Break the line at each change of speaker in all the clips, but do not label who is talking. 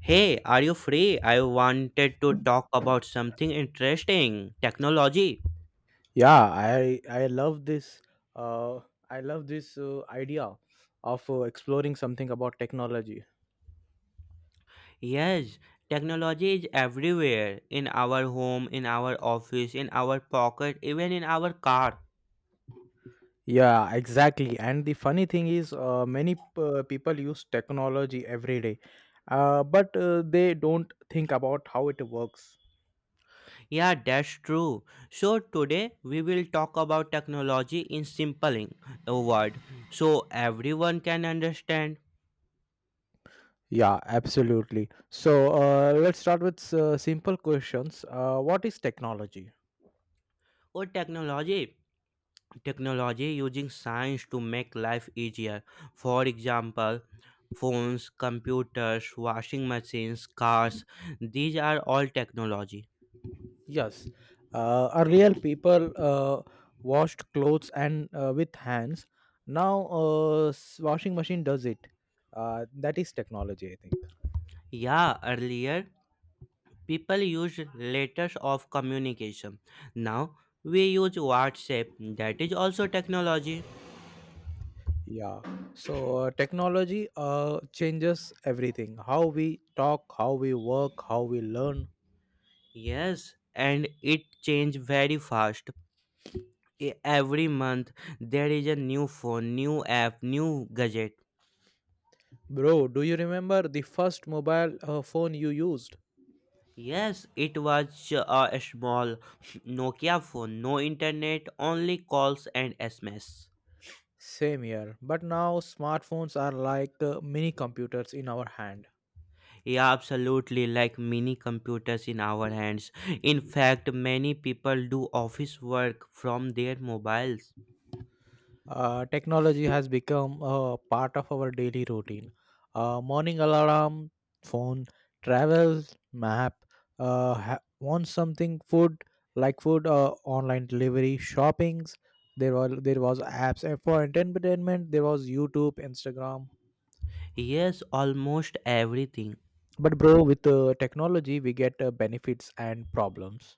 Hey, are you free? I wanted to talk about something interesting technology.
Yeah, I love uh this idea of exploring something about technology.
Yes, technology is everywhere in our home, in our office, in our pocket, even in our car.
Yeah, exactly. And the funny thing is many people use technology every day, but they don't think about how it works.
Yeah, that's true. So, today we will talk about technology in simple a word so everyone can understand.
Yeah, absolutely. So let's start with simple questions. What is technology?
Oh, technology. Technology using science to make life easier. For example, phones, computers, washing machines, cars, these are all technology.
Yes, earlier people washed clothes and with hands. Now, washing machine does it. That is technology, I think.
Yeah, earlier people used letters of communication. Now we use WhatsApp, that is also technology.
Yeah. So technology changes everything: how we talk, how we work, how we learn.
Yes, and it changed very fast. Every month there is a new phone, new app, new gadget.
Bro, do you remember the first mobile phone you used?
Yes, it was a small Nokia phone, no internet, only calls and SMS.
Same here. But now smartphones are like mini computers in our hand.
Yeah, absolutely, like mini computers in our hands. In fact, many people do office work from their mobiles.
Technology has become a part of our daily routine. Morning alarm, phone, travel, map, ha- want something food like food, online delivery, shoppings. There were there was apps and for entertainment. There was YouTube, Instagram.
Yes, almost everything.
But bro, with technology, we get benefits and problems.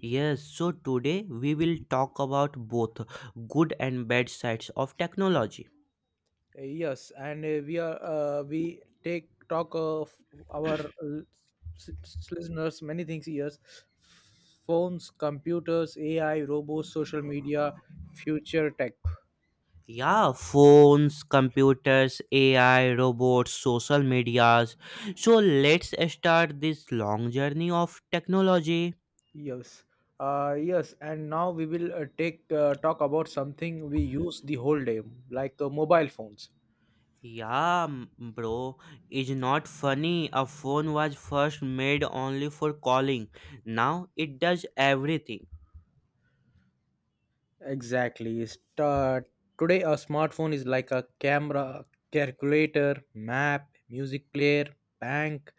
Yes, so today we will talk about both good and bad sides of technology.
Yes, and we are we take talk of our listeners many things. Yes, phones, computers, AI, robots, social media, future tech.
Yeah, phones, computers, AI, robots, social medias. So let's start this long journey of technology.
Yes, yes, and now we will take talk about something we use the whole day, like mobile phones.
Yeah, bro, it's not funny. A phone was first made only for calling. Now it does everything.
Exactly. Start. Today, a smartphone is like a camera, calculator, map, music player, bank,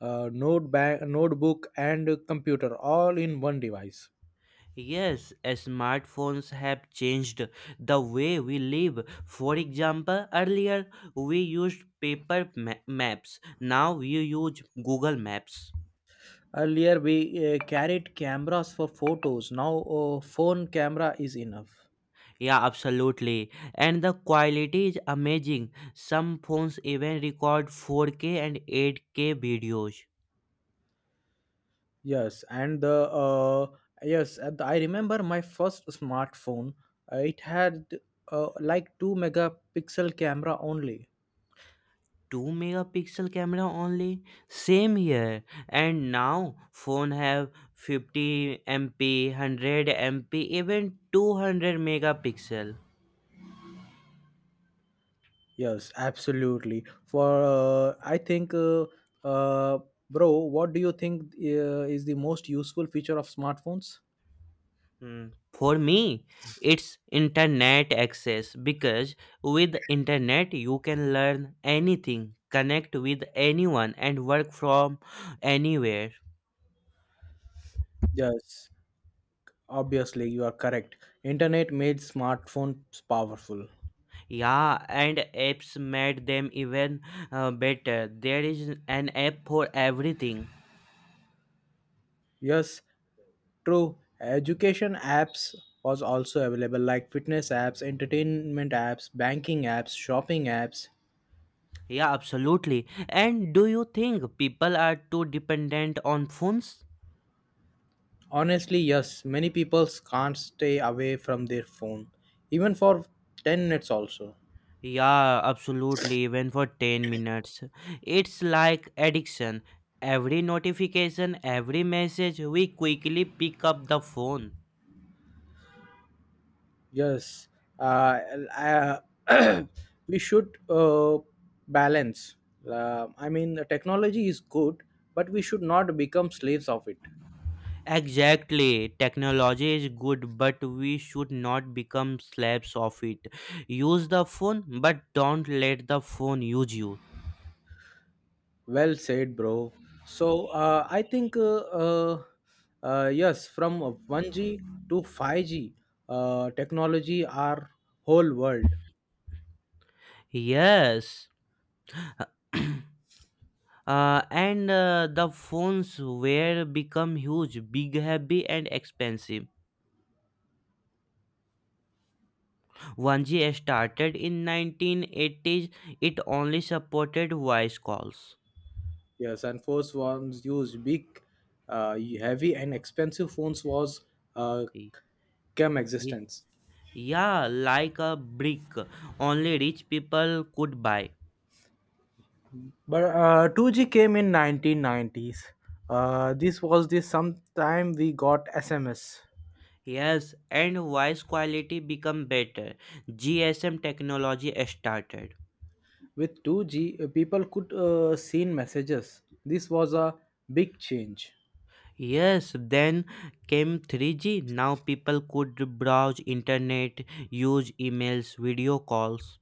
notebook, and computer all in one device.
Yes, as smartphones have changed the way we live. For example, earlier we used paper maps. Now we use Google Maps.
Earlier, we carried cameras for photos. Now, phone camera is enough.
Yeah, absolutely. And the quality is amazing. Some phones even record 4K and 8K videos.
Yes, and the uh, yes, and I remember my first smartphone. It had like 2 megapixel camera only.
2 megapixel camera only. Same here. And now phone have 50 MP, 100 MP, even 200 megapixel.
Yes, absolutely. For I think, uh, bro, what do you think is the most useful feature of smartphones?
Mm. For me, it's internet access because with internet you can learn anything, connect with anyone and work from anywhere.
Yes, obviously you are correct. Internet made smartphones powerful.
Yeah, and apps made them even better. There is an app for everything.
Yes, true. Education apps was also available like fitness apps, entertainment apps, banking apps, shopping apps.
Yeah, absolutely. And do you think people are too dependent on phones?
Honestly, yes, many people can't stay away from their phone even for 10 minutes also.
Yeah, absolutely. Even for 10 minutes, it's like addiction. Every notification, every message, we quickly pick up the phone.
Yes, uh, l- uh, we should balance. I mean, the technology is good, but we should not become slaves of it.
Exactly. Technology is good, but we should not become slaves of it. Use the phone, but don't let the phone use you.
Well said, bro. So I think, yes, from 1G to 5G, technology our whole world.
Yes. And the phones were become huge, big, heavy, and expensive. 1G started in 1980s, it only supported voice calls.
Yes, and first ones used big, heavy, and expensive phones was uh,
Y-
came
y-
existence.
Yeah, like a brick, only rich people could buy.
But 2G came in 1990s. This was the sometime we got SMS.
Yes, and voice quality become better. GSM technology started.
With 2G, people could send messages. This was a big change,
Yes, then came 3G. Now people could browse internet, use emails, video calls.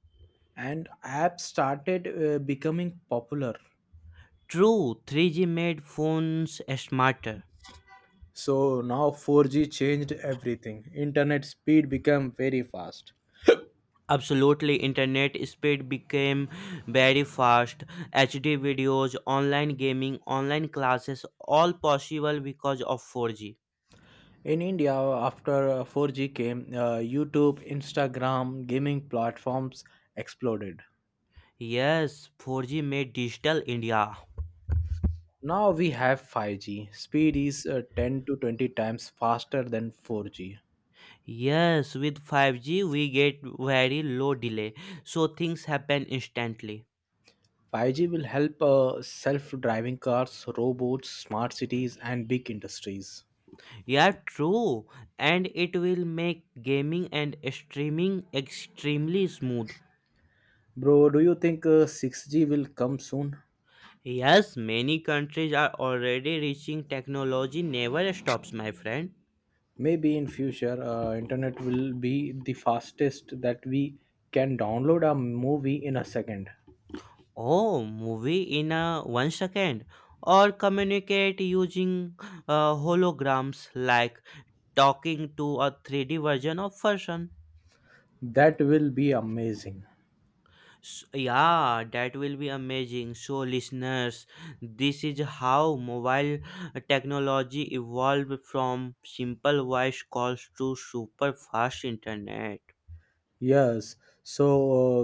and apps started becoming popular.
True, 3G made phones smarter.
So now 4G changed everything. Internet speed became very fast.
Absolutely, internet speed became very fast. HD videos, online gaming, online classes, all possible because of 4G.
In India, after 4G came, YouTube, Instagram, gaming platforms exploded.
Yes, 4G made digital India.
Now we have 5G. Speed is 10 to 20 times faster than 4G.
Yes, with 5G we get very low delay, so things happen instantly.
5G will help self driving cars, robots, smart cities, and big industries.
Yeah, true. And it will make gaming and streaming extremely smooth.
Bro, do you think 6G will come soon?
Yes, many countries are already reaching technology never stops, my friend.
Maybe in future, internet will be the fastest that we can download a movie in a second.
Oh, movie in a 1 second, or communicate using holograms like talking to a 3D version of person.
That will be amazing.
S yeah, that will be amazing. So, listeners, this is how mobile technology evolved from simple voice calls to super fast internet.
Yes. So,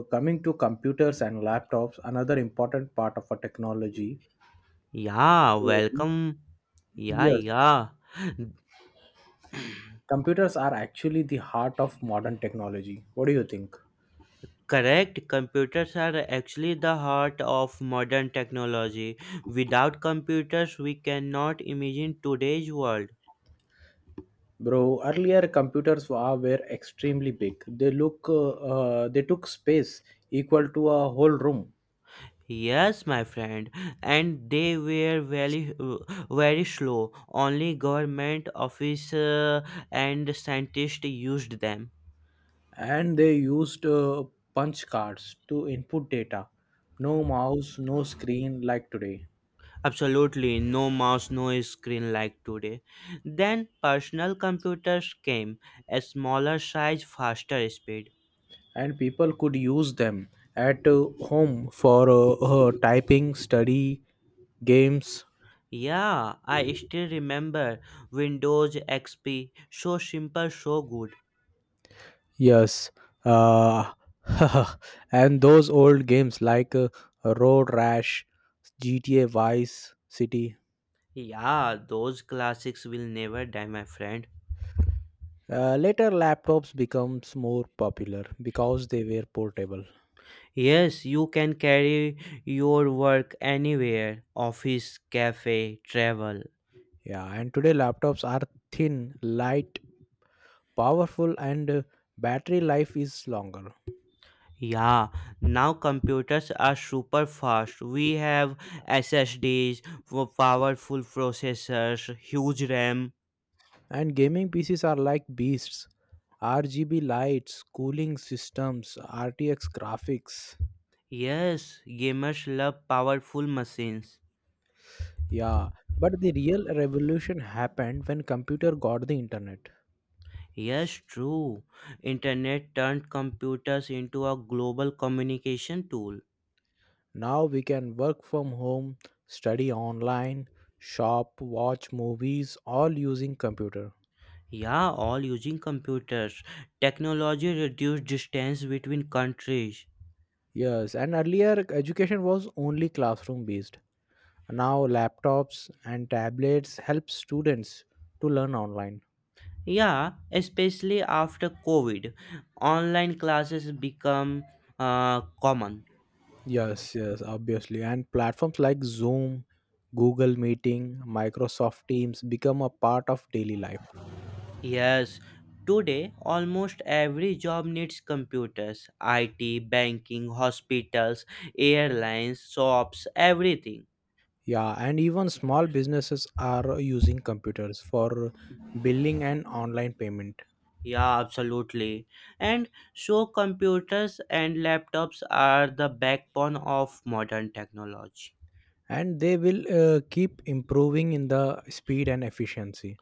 coming to computers and laptops, another important part of a technology.
Yeah,
Mhm.
welcome. Yeah,
Yes,
yeah.
computers are actually the heart of modern technology. What do you think,
Correct. Computers are actually the heart of modern technology. Without computers, we cannot imagine today's world.
bro? Earlier, computers were extremely big. They took space equal to a whole room,
Yes, my friend, and they were very, very slow. Only government office and scientists used them.
and they used punch cards to input data. No mouse, no screen like today,
Absolutely, no mouse, no screen like today. Then personal computers came, a smaller size, faster speed.
and people could use them at home for typing, study, games.
Yeah, I still remember Windows XP. So simple, so good.
Yes, uh, and those old games like Road Rash, GTA Vice City.
Yeah, those classics will never die, my friend.
Later, laptops becomes more popular because they were portable.
Yes, you can carry your work anywhere office, cafe, travel.
Yeah, and today laptops are thin, light, powerful, and battery life is longer.
Yeah, now computers are super fast. We have SSDs, for powerful processors, huge RAM.
And gaming PCs are like beasts. RGB lights, cooling systems, RTX graphics.
Yes, gamers love powerful machines.
Yeah, but the real revolution happened when computer got the internet.
Yes, true. Internet turned computers into a global communication tool.
Now we can work from home, study online, shop, watch movies all using computer.
Yeah, all using computers. Technology reduced distance between countries.
Yes, and earlier education was only classroom based. Now laptops and tablets help students to learn online.
Yeah, especially after COVID, online classes become common.
Yes, yes, obviously. And platforms like Zoom, Google Meeting, Microsoft Teams become a part of daily life.
Yes, today almost every job needs computers. IT, banking, hospitals, airlines, shops, everything.
Yeah, and even small businesses are using computers for billing and online payment,
Yeah, absolutely. And so computers and laptops are the backbone of modern technology.
and they will keep improving in the speed and efficiency.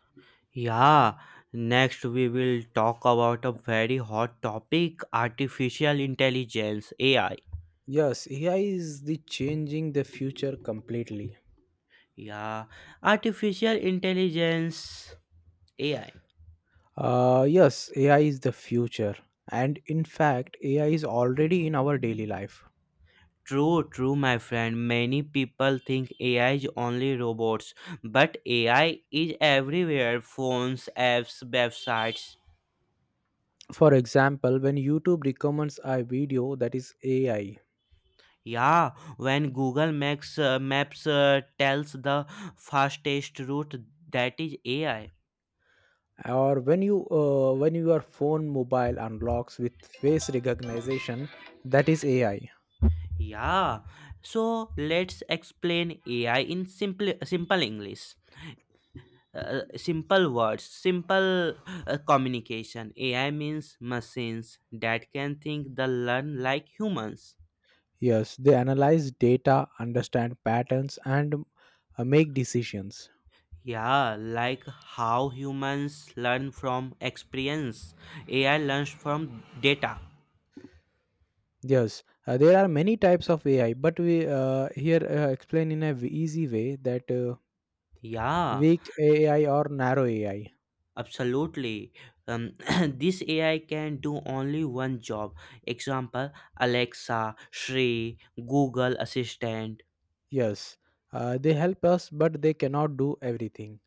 Yeah, next we will talk about a very hot topic artificial intelligence AI.
Yes, AI is the changing the future completely.
Yeah, artificial intelligence AI.
Yes, AI is the future, and in fact, AI is already in our daily life.
True, true, my friend. Many people think AI is only robots, but AI is everywhere phones, apps, websites.
For example, when YouTube recommends a video, that is AI,
Yeah, when Google Maps tells the fastest route, that is AI.
or when your phone mobile unlocks with face recognition, that is AI.
Yeah. So let's explain AI in simple English. Simple words, simple communication. AI means machines that can think the learn like humans.
Yes, they analyze data, understand patterns, and make decisions.
Yeah, like how humans learn from experience. AI learns from data.
Yes, there are many types of AI, but we here explain in a easy way that
Yeah.
weak AI or narrow AI.
Absolutely. Um, this AI can do only one job. Example Alexa, Siri, Google Assistant.
Yes, they help us but they cannot do everything.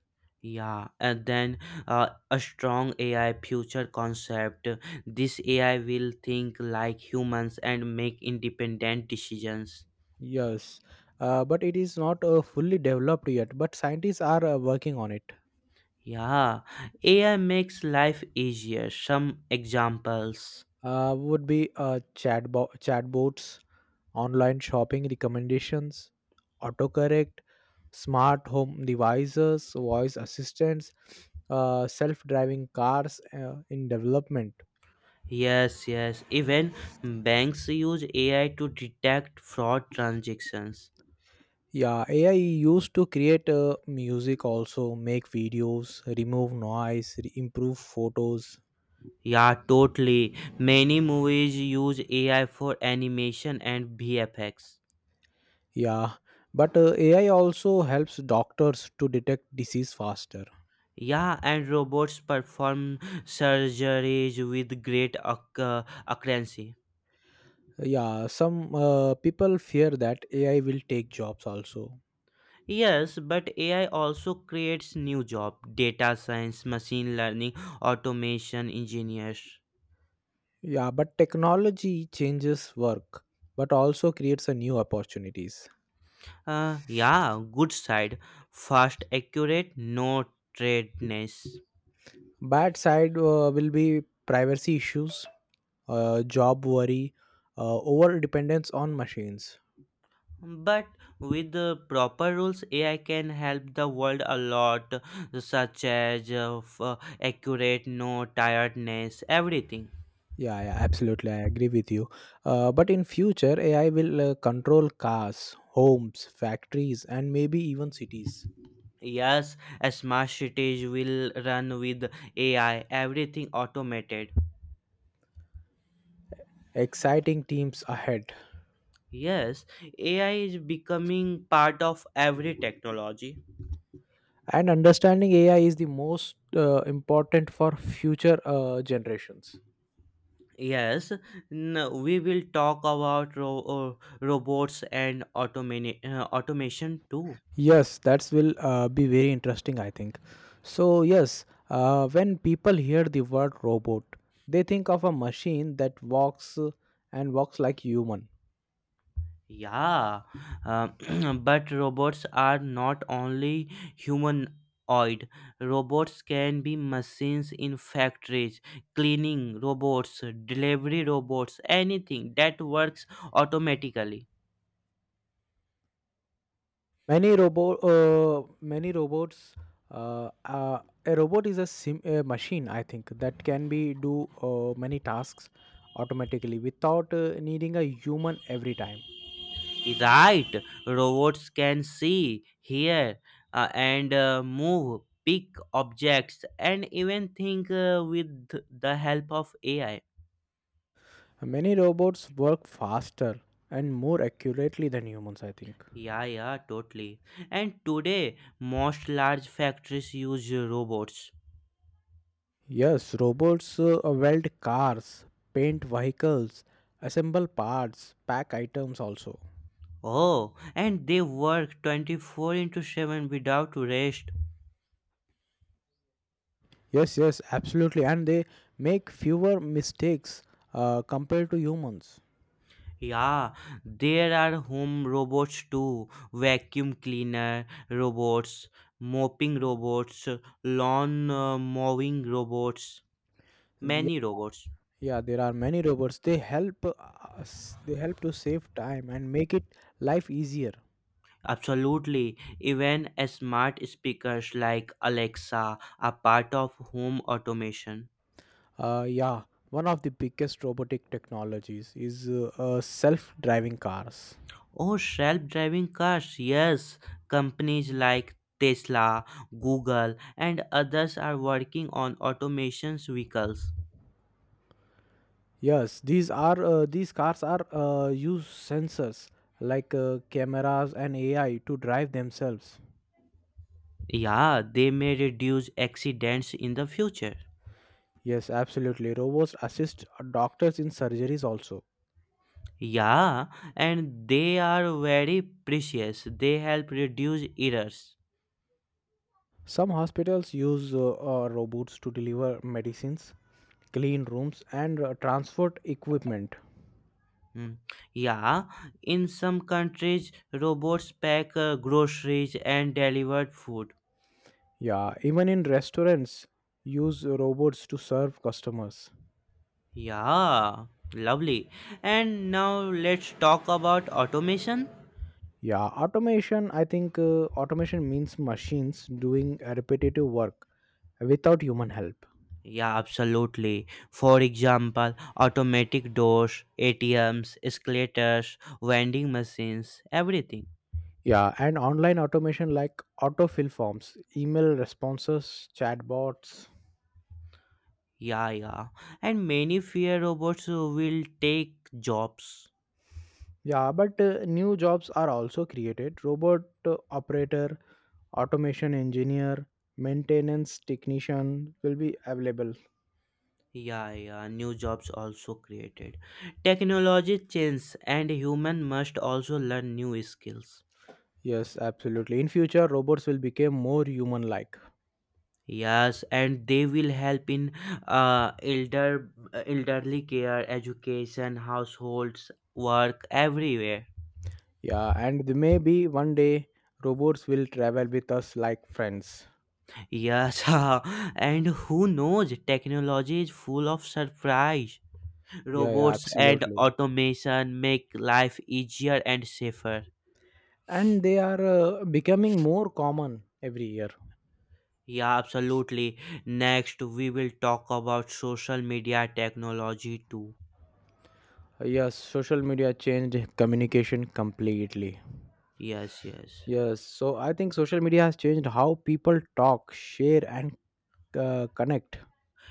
Yeah, and then a strong AI future concept. This AI will think like humans and make independent decisions.
Yes, but it is not fully developed yet, but scientists are working on it.
Yeah, AI makes life easier. Some examples.
Would be chatbots, online shopping recommendations, autocorrect, smart home devices, voice assistants, self-driving cars, in development.
Yes, yes. Even banks use AI to detect fraud transactions.
Yeah, AI used to create music, also make videos, remove noise, improve photos.
Yeah, totally. Many movies use AI for animation and VFX.
Yeah, but AI also helps doctors to detect disease faster.
Yeah, and robots perform surgeries with great accuracy.
Yeah, some people fear that AI will take jobs also.
Yes, but AI also creates new jobs data science, machine learning, automation engineers.
Yeah, but technology changes work, but also creates a new opportunities.
Yeah, good side. Fast, accurate, no trade.
Bad side will be privacy issues, job worry, over dependence on machines.
But with the proper rules, AI can help the world a lot, such as accurate, no tiredness, everything.
Yeah, yeah, absolutely, I agree with you. But in future, AI will control cars, homes, factories, and maybe even cities.
Yes, a smart cities will run with AI, everything automated.
Exciting teams ahead,
Yes, AI is becoming part of every technology.
and understanding AI is the most important for future generations.
Yes, we will talk about robots and automation too.
Yes, that will be very interesting, I think. So, yes, when people hear the word robot, they think of a machine that walks and walks like human.
Yeah, uh, but robots are not only humanoid. Robots can be machines in factories, cleaning robots, delivery robots, anything that works automatically.
Many robots. Uh, uh, a robot is a machine, I think, that can be do many tasks automatically without needing a human every time.
Right, robots can see, hear, and move, pick objects, and even think with the help of AI.
Many robots work faster and more accurately than humans, I think.
Yeah, yeah, totally. And today, most large factories use robots.
Yes, robots weld cars, paint vehicles, assemble parts, pack items also.
Oh, and they work 24 into 7 without rest.
Yes, yes, absolutely, and they make fewer mistakes compared to humans.
Yeah, there are home robots too vacuum cleaner robots, mopping robots, lawn mowing robots,
Yeah,
many robots.
yeah, there are many robots. They help us. They help to save time and make it life easier.
Absolutely, even smart speakers like Alexa are part of home automation.
Yeah, one of the biggest robotic technologies is self-driving cars.
Oh, self-driving cars. Yes, companies like Tesla, Google, and others are working on automation vehicles.
Yes, these cars are use sensors like cameras and AI to drive themselves.
Yeah, they may reduce accidents in the future.
Yes, absolutely. Robots assist doctors in surgeries also.
Yeah, and they are very precious. They help reduce errors.
Some hospitals use robots to deliver medicines, clean rooms, and transport equipment.
Hmm. Yeah, in some countries, robots pack groceries and deliver food.
Yeah, even in restaurants use robots to serve customers.
Yeah, lovely. And now let's talk about automation.
Yeah, automation, I think, automation means machines doing repetitive work without human help.
Yeah, absolutely. For example, automatic doors, ATMs, escalators, vending machines, everything.
Yeah, and online automation like autofill forms, email responses, chatbots.
Yeah, yeah. And many fear robots will take jobs.
Yeah, but new jobs are also created: robot operator, automation engineer, maintenance technician will be available.
Yeah, yeah. New jobs also created. Technology changes, and human must also learn new skills.
Yes, absolutely. In future, robots will become more human-like.
Yes, and they will help in uh, elder elderly care, education, households, work, everywhere.
Yeah, and they maybe one day robots will travel with us like friends.
Yes, and who knows, technology is full of surprise.
Yeah, yeah,
Robots and
absolutely.
automation make life easier and safer.
And they are becoming more common every year.
Yeah, absolutely. Next, we will talk about social media technology too.
Yes, social media changed communication completely.
Yes, yes.
Yes, so I think social media has changed how people talk, share, and connect.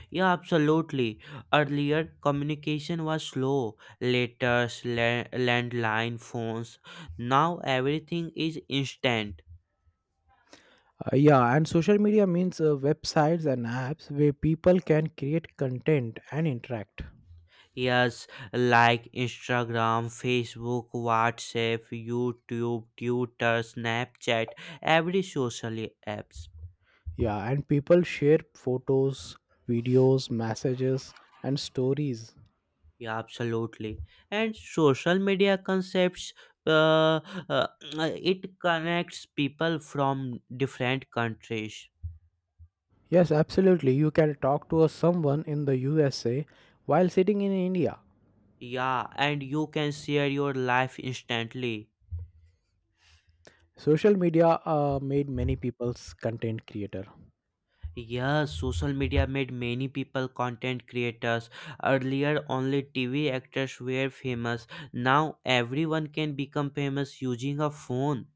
Yeah, absolutely. Earlier, communication was slow. Letters, landline phones. Now everything is instant.
Yeah, and social media means websites and apps where people can create content and interact.
Yes, like Instagram, Facebook, WhatsApp, YouTube, Twitter, Snapchat, every social apps.
Yeah, and people share photos, videos, messages, and stories.
Yeah, absolutely. And social media concepts. Uh, uh, it connects people from different countries.
Yes, absolutely. You can talk to a someone in the USA while sitting in India.
Yeah, and you can share your life instantly.
Social media made many people's content creator.
Yes, social media made many people content creators. Earlier, only TV actors were famous. Now, everyone can become famous using a phone.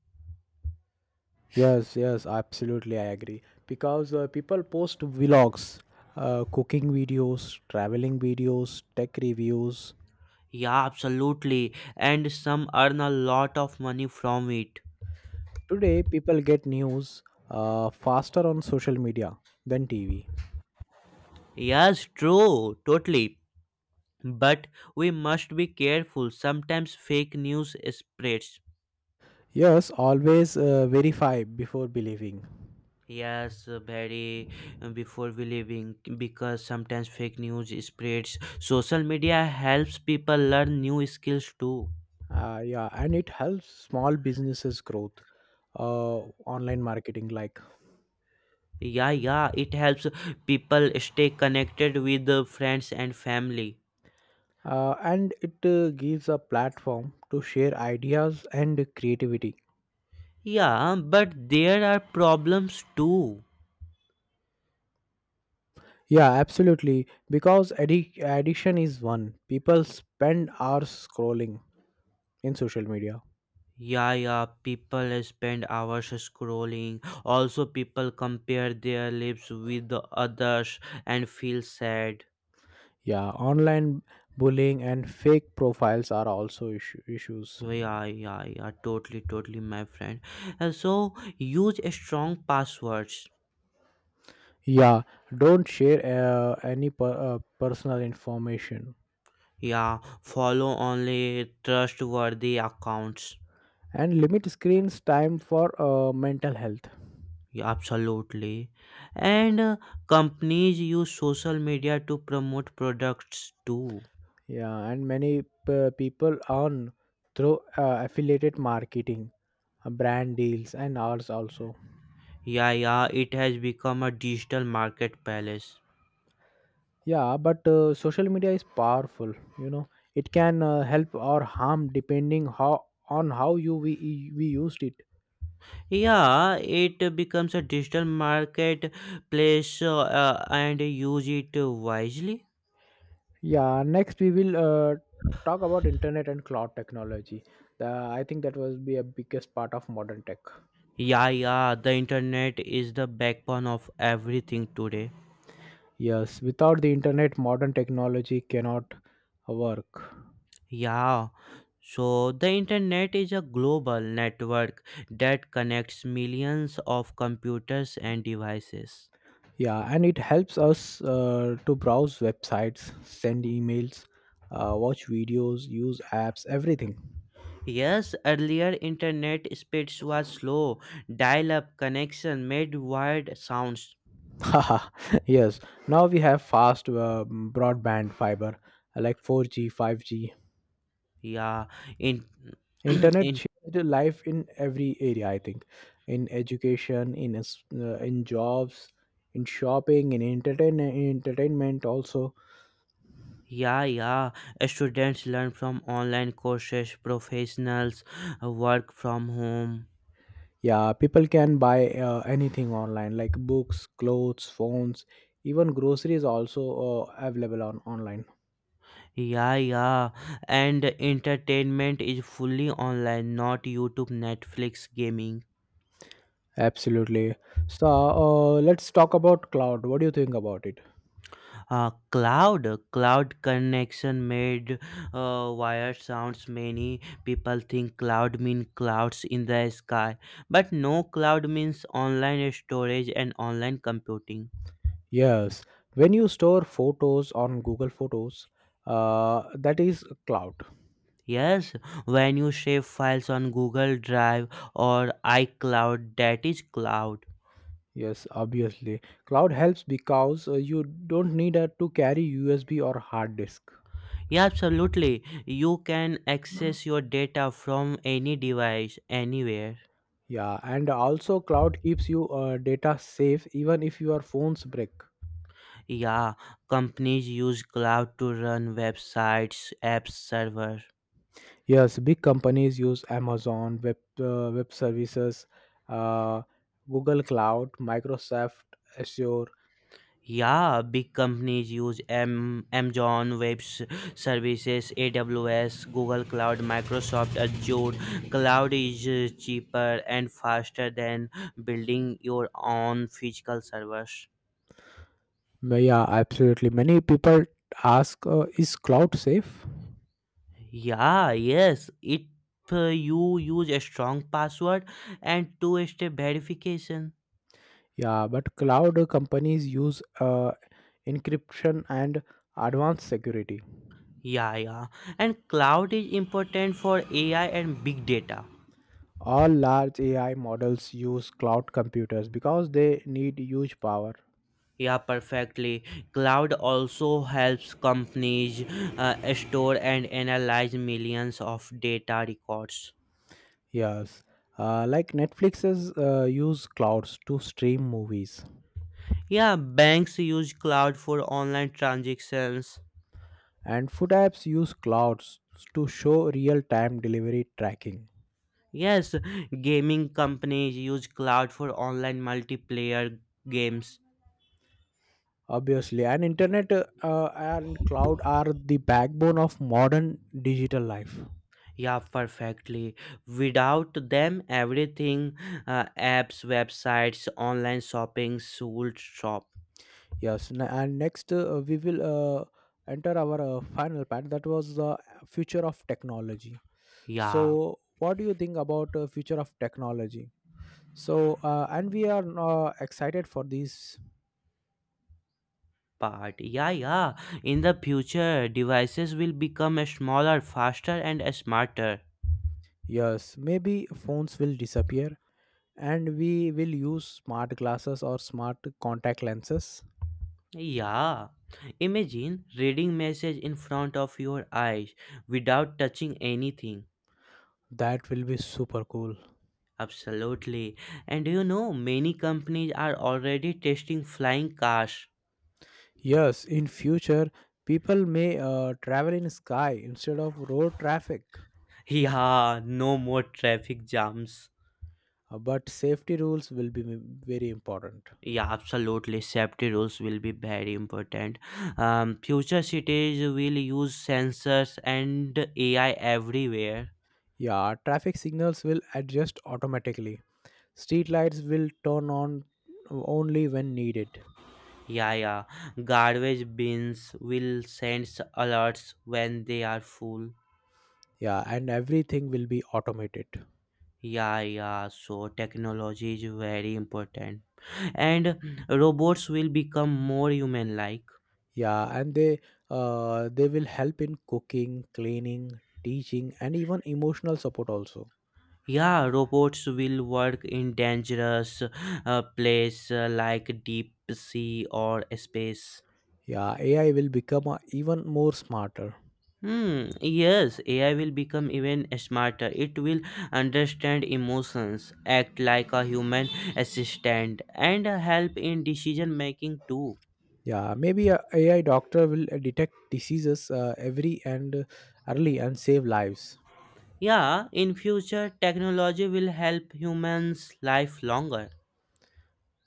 Yes, yes, absolutely. I agree because people post vlogs, cooking videos, traveling videos, tech reviews.
Yeah, absolutely. And some earn a lot of money from it.
Today, people get news faster on social media than TV.
Yes, true, totally. But we must be careful. Sometimes fake news spreads.
Yes, always verify before believing.
Yes, very before believing because sometimes fake news spreads. Social media helps people learn new skills too.
Yeah, and it helps small businesses growth, uh, online marketing like,
Yeah, yeah, it helps people stay connected with the friends and family.
and it gives a platform to share ideas and creativity.
Yeah, but there are problems too.
Yeah, absolutely. Because addiction is one. People spend hours scrolling in social media.
Yeah, yeah, people spend hours scrolling. Also, people compare their lives with the others and feel sad.
Yeah, online bullying and fake profiles are also issues.
Yeah, yeah, yeah, totally, totally, my friend. And so use strong passwords.
Yeah, don't share any personal information
Yeah, follow only trustworthy accounts.
and limit screens time for mental health.
Yeah, absolutely. And companies use social media to promote products too.
Yeah, and many people earn through affiliated marketing, brand deals, and ours also.
Yeah, yeah, it has become a digital marketplace.
Yeah, but social media is powerful. You know, it can help or harm depending how we used it.
Yeah, it becomes a digital marketplace and use it wisely.
Yeah, next we will talk about internet and cloud technology. I think that was be a biggest part of modern tech.
Yeah, yeah, the internet is the backbone of everything today.
Yes, without the internet, modern technology cannot work.
Yeah, so the internet is a global network that connects millions of computers and devices.
Yeah, and it helps us to browse websites, send emails, watch videos, use apps, everything.
Yes, earlier internet speeds was slow. Dial-up connection made weird sounds.
Haha, yes, now we have fast broadband fiber like 4G, 5G.
Yeah, in,
Internet
in
changed life in every area, I think: in education, in jobs, in shopping, in entertainment also.
yeah, yeah. Students learn from online courses, professionals work from home.
Yeah, people can buy anything online like books, clothes, phones, even groceries also available on online.
Yeah, yeah. And entertainment is fully online, not YouTube, Netflix, gaming.
Absolutely. So let's talk about cloud. What do you think about it?
Uh, cloud, cloud connection made wire sounds. Many people think cloud mean clouds in the sky, but no, cloud means online storage and online computing.
Yes, when you store photos on Google Photos, that is cloud.
Yes, when you save files on Google Drive or iCloud, that is cloud.
Yes, obviously. Cloud helps because you don't need to carry USB or hard disk.
Yeah, absolutely. You can access your data from any device, anywhere.
Yeah, and also cloud keeps you data safe even if your phones break.
Yeah, companies use cloud to run websites, apps, server.
Yes, big companies use Amazon Web Services, uh, Google Cloud, Microsoft Azure.
Yeah, big companies use Amazon Web Services, AWS, Google Cloud, Microsoft Azure. Cloud is cheaper and faster than building your own physical servers.
Yeah, absolutely. Many people ask, is cloud safe?
Yeah, yes. If you use a strong password and two-step verification.
Yeah, but cloud companies use encryption and advanced security.
Yeah, yeah. And cloud is important for AI and big data.
All large AI models use cloud computers because they need huge power.
Yeah, perfectly. Cloud also helps companies store and analyze millions of data records.
Yes. Like Netflixes use clouds to stream movies,
Yeah, banks use cloud for online transactions.
and food apps use clouds to show real time delivery tracking.
Yes, gaming companies use cloud for online multiplayer games.
Obviously, and internet and cloud are the backbone of modern digital life.
Yeah, perfectly. Without them, everything apps, websites, online shopping should shop.
Yes, n- and next we will uh, enter our final part that was the future of technology.
Yeah,
So, what do you think about future of technology? So, and we are excited for these
part. Yeah, yeah. In the future, devices will become smaller, faster, and smarter.
years. Maybe phones will disappear, and we will use smart glasses or smart contact lenses.
Yeah. Imagine reading message in front of your eyes without touching anything.
That will be super cool.
Absolutely. And many companies are already testing flying cars.
Yes, in future, people may travel in sky instead of road traffic,
Yeah, no more traffic jams.
but safety rules will be very important.
Yeah, absolutely. Safety rules will be very important. Future cities will use sensors and AI everywhere.
Yeah, traffic signals will adjust automatically. Street lights will turn on only when needed.
Yeah, yeah. Garbage bins will send alerts when they are full.
Yeah, and everything will be automated.
Yeah, yeah. So technology is very important, and robots will become more human-like.
Yeah, and they will help in cooking, cleaning, teaching, and even emotional support also.
Yeah, robots will work in dangerous place like deep sea or space.
Yeah, AI will become even more smarter.
Hmm, yes, AI will become even smarter. It will understand emotions, act like a human assistant, and help in decision making too.
Yeah, maybe a AI doctor will detect diseases every and early and save lives.
Yeah, in future technology will help humans life longer.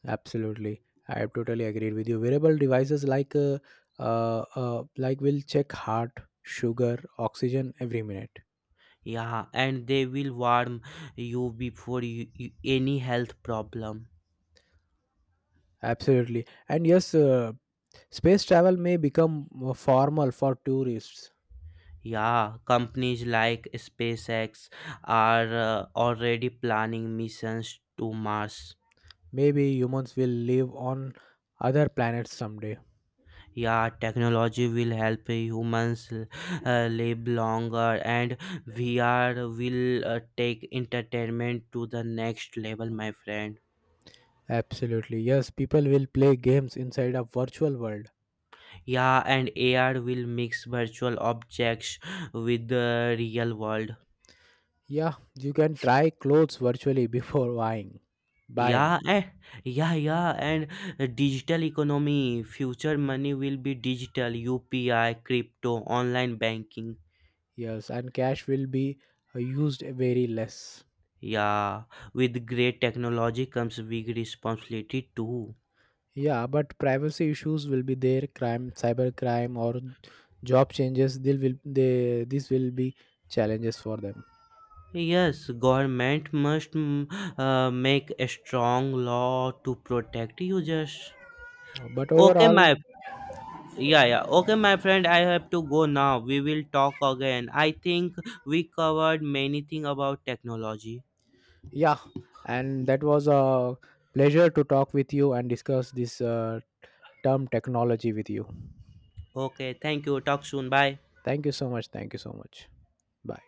Absolutely, I have totally agreed with you. Wearable devices like will check heart, sugar, oxygen every minute.
Yeah, and they will warn you before you any health problem.
Absolutely, and yes, space travel may become more formal for tourists.
Yeah, companies like SpaceX are already planning missions to Mars.
Maybe humans will live on other planets someday.
Yeah, technology will help humans live longer, and VR will take entertainment to the next level, my friend.
Absolutely, yes, people will play games inside a virtual world.
Yeah, and AR will mix virtual objects with the real world.
Yeah, you can try clothes virtually before buying,
Yeah, yeah, yeah, and digital economy, future money will be digital, UPI, crypto, online banking.
yes, and cash will be used very less.
Yeah, with great technology comes big responsibility too.
Yeah, but privacy issues will be there, crime, cyber crime, or job changes. They will they this will be challenges for them.
Yes, government must make a strong law to protect users.
But
Okay,
overall,
my yeah, yeah. Okay, my friend, I have to go now. We will talk again. I think we covered many thing about technology.
yeah, and that was a pleasure to talk with you and discuss this term technology with you.
Okay, thank you. Talk soon. Bye.
Thank you so much. Thank you so much. Bye.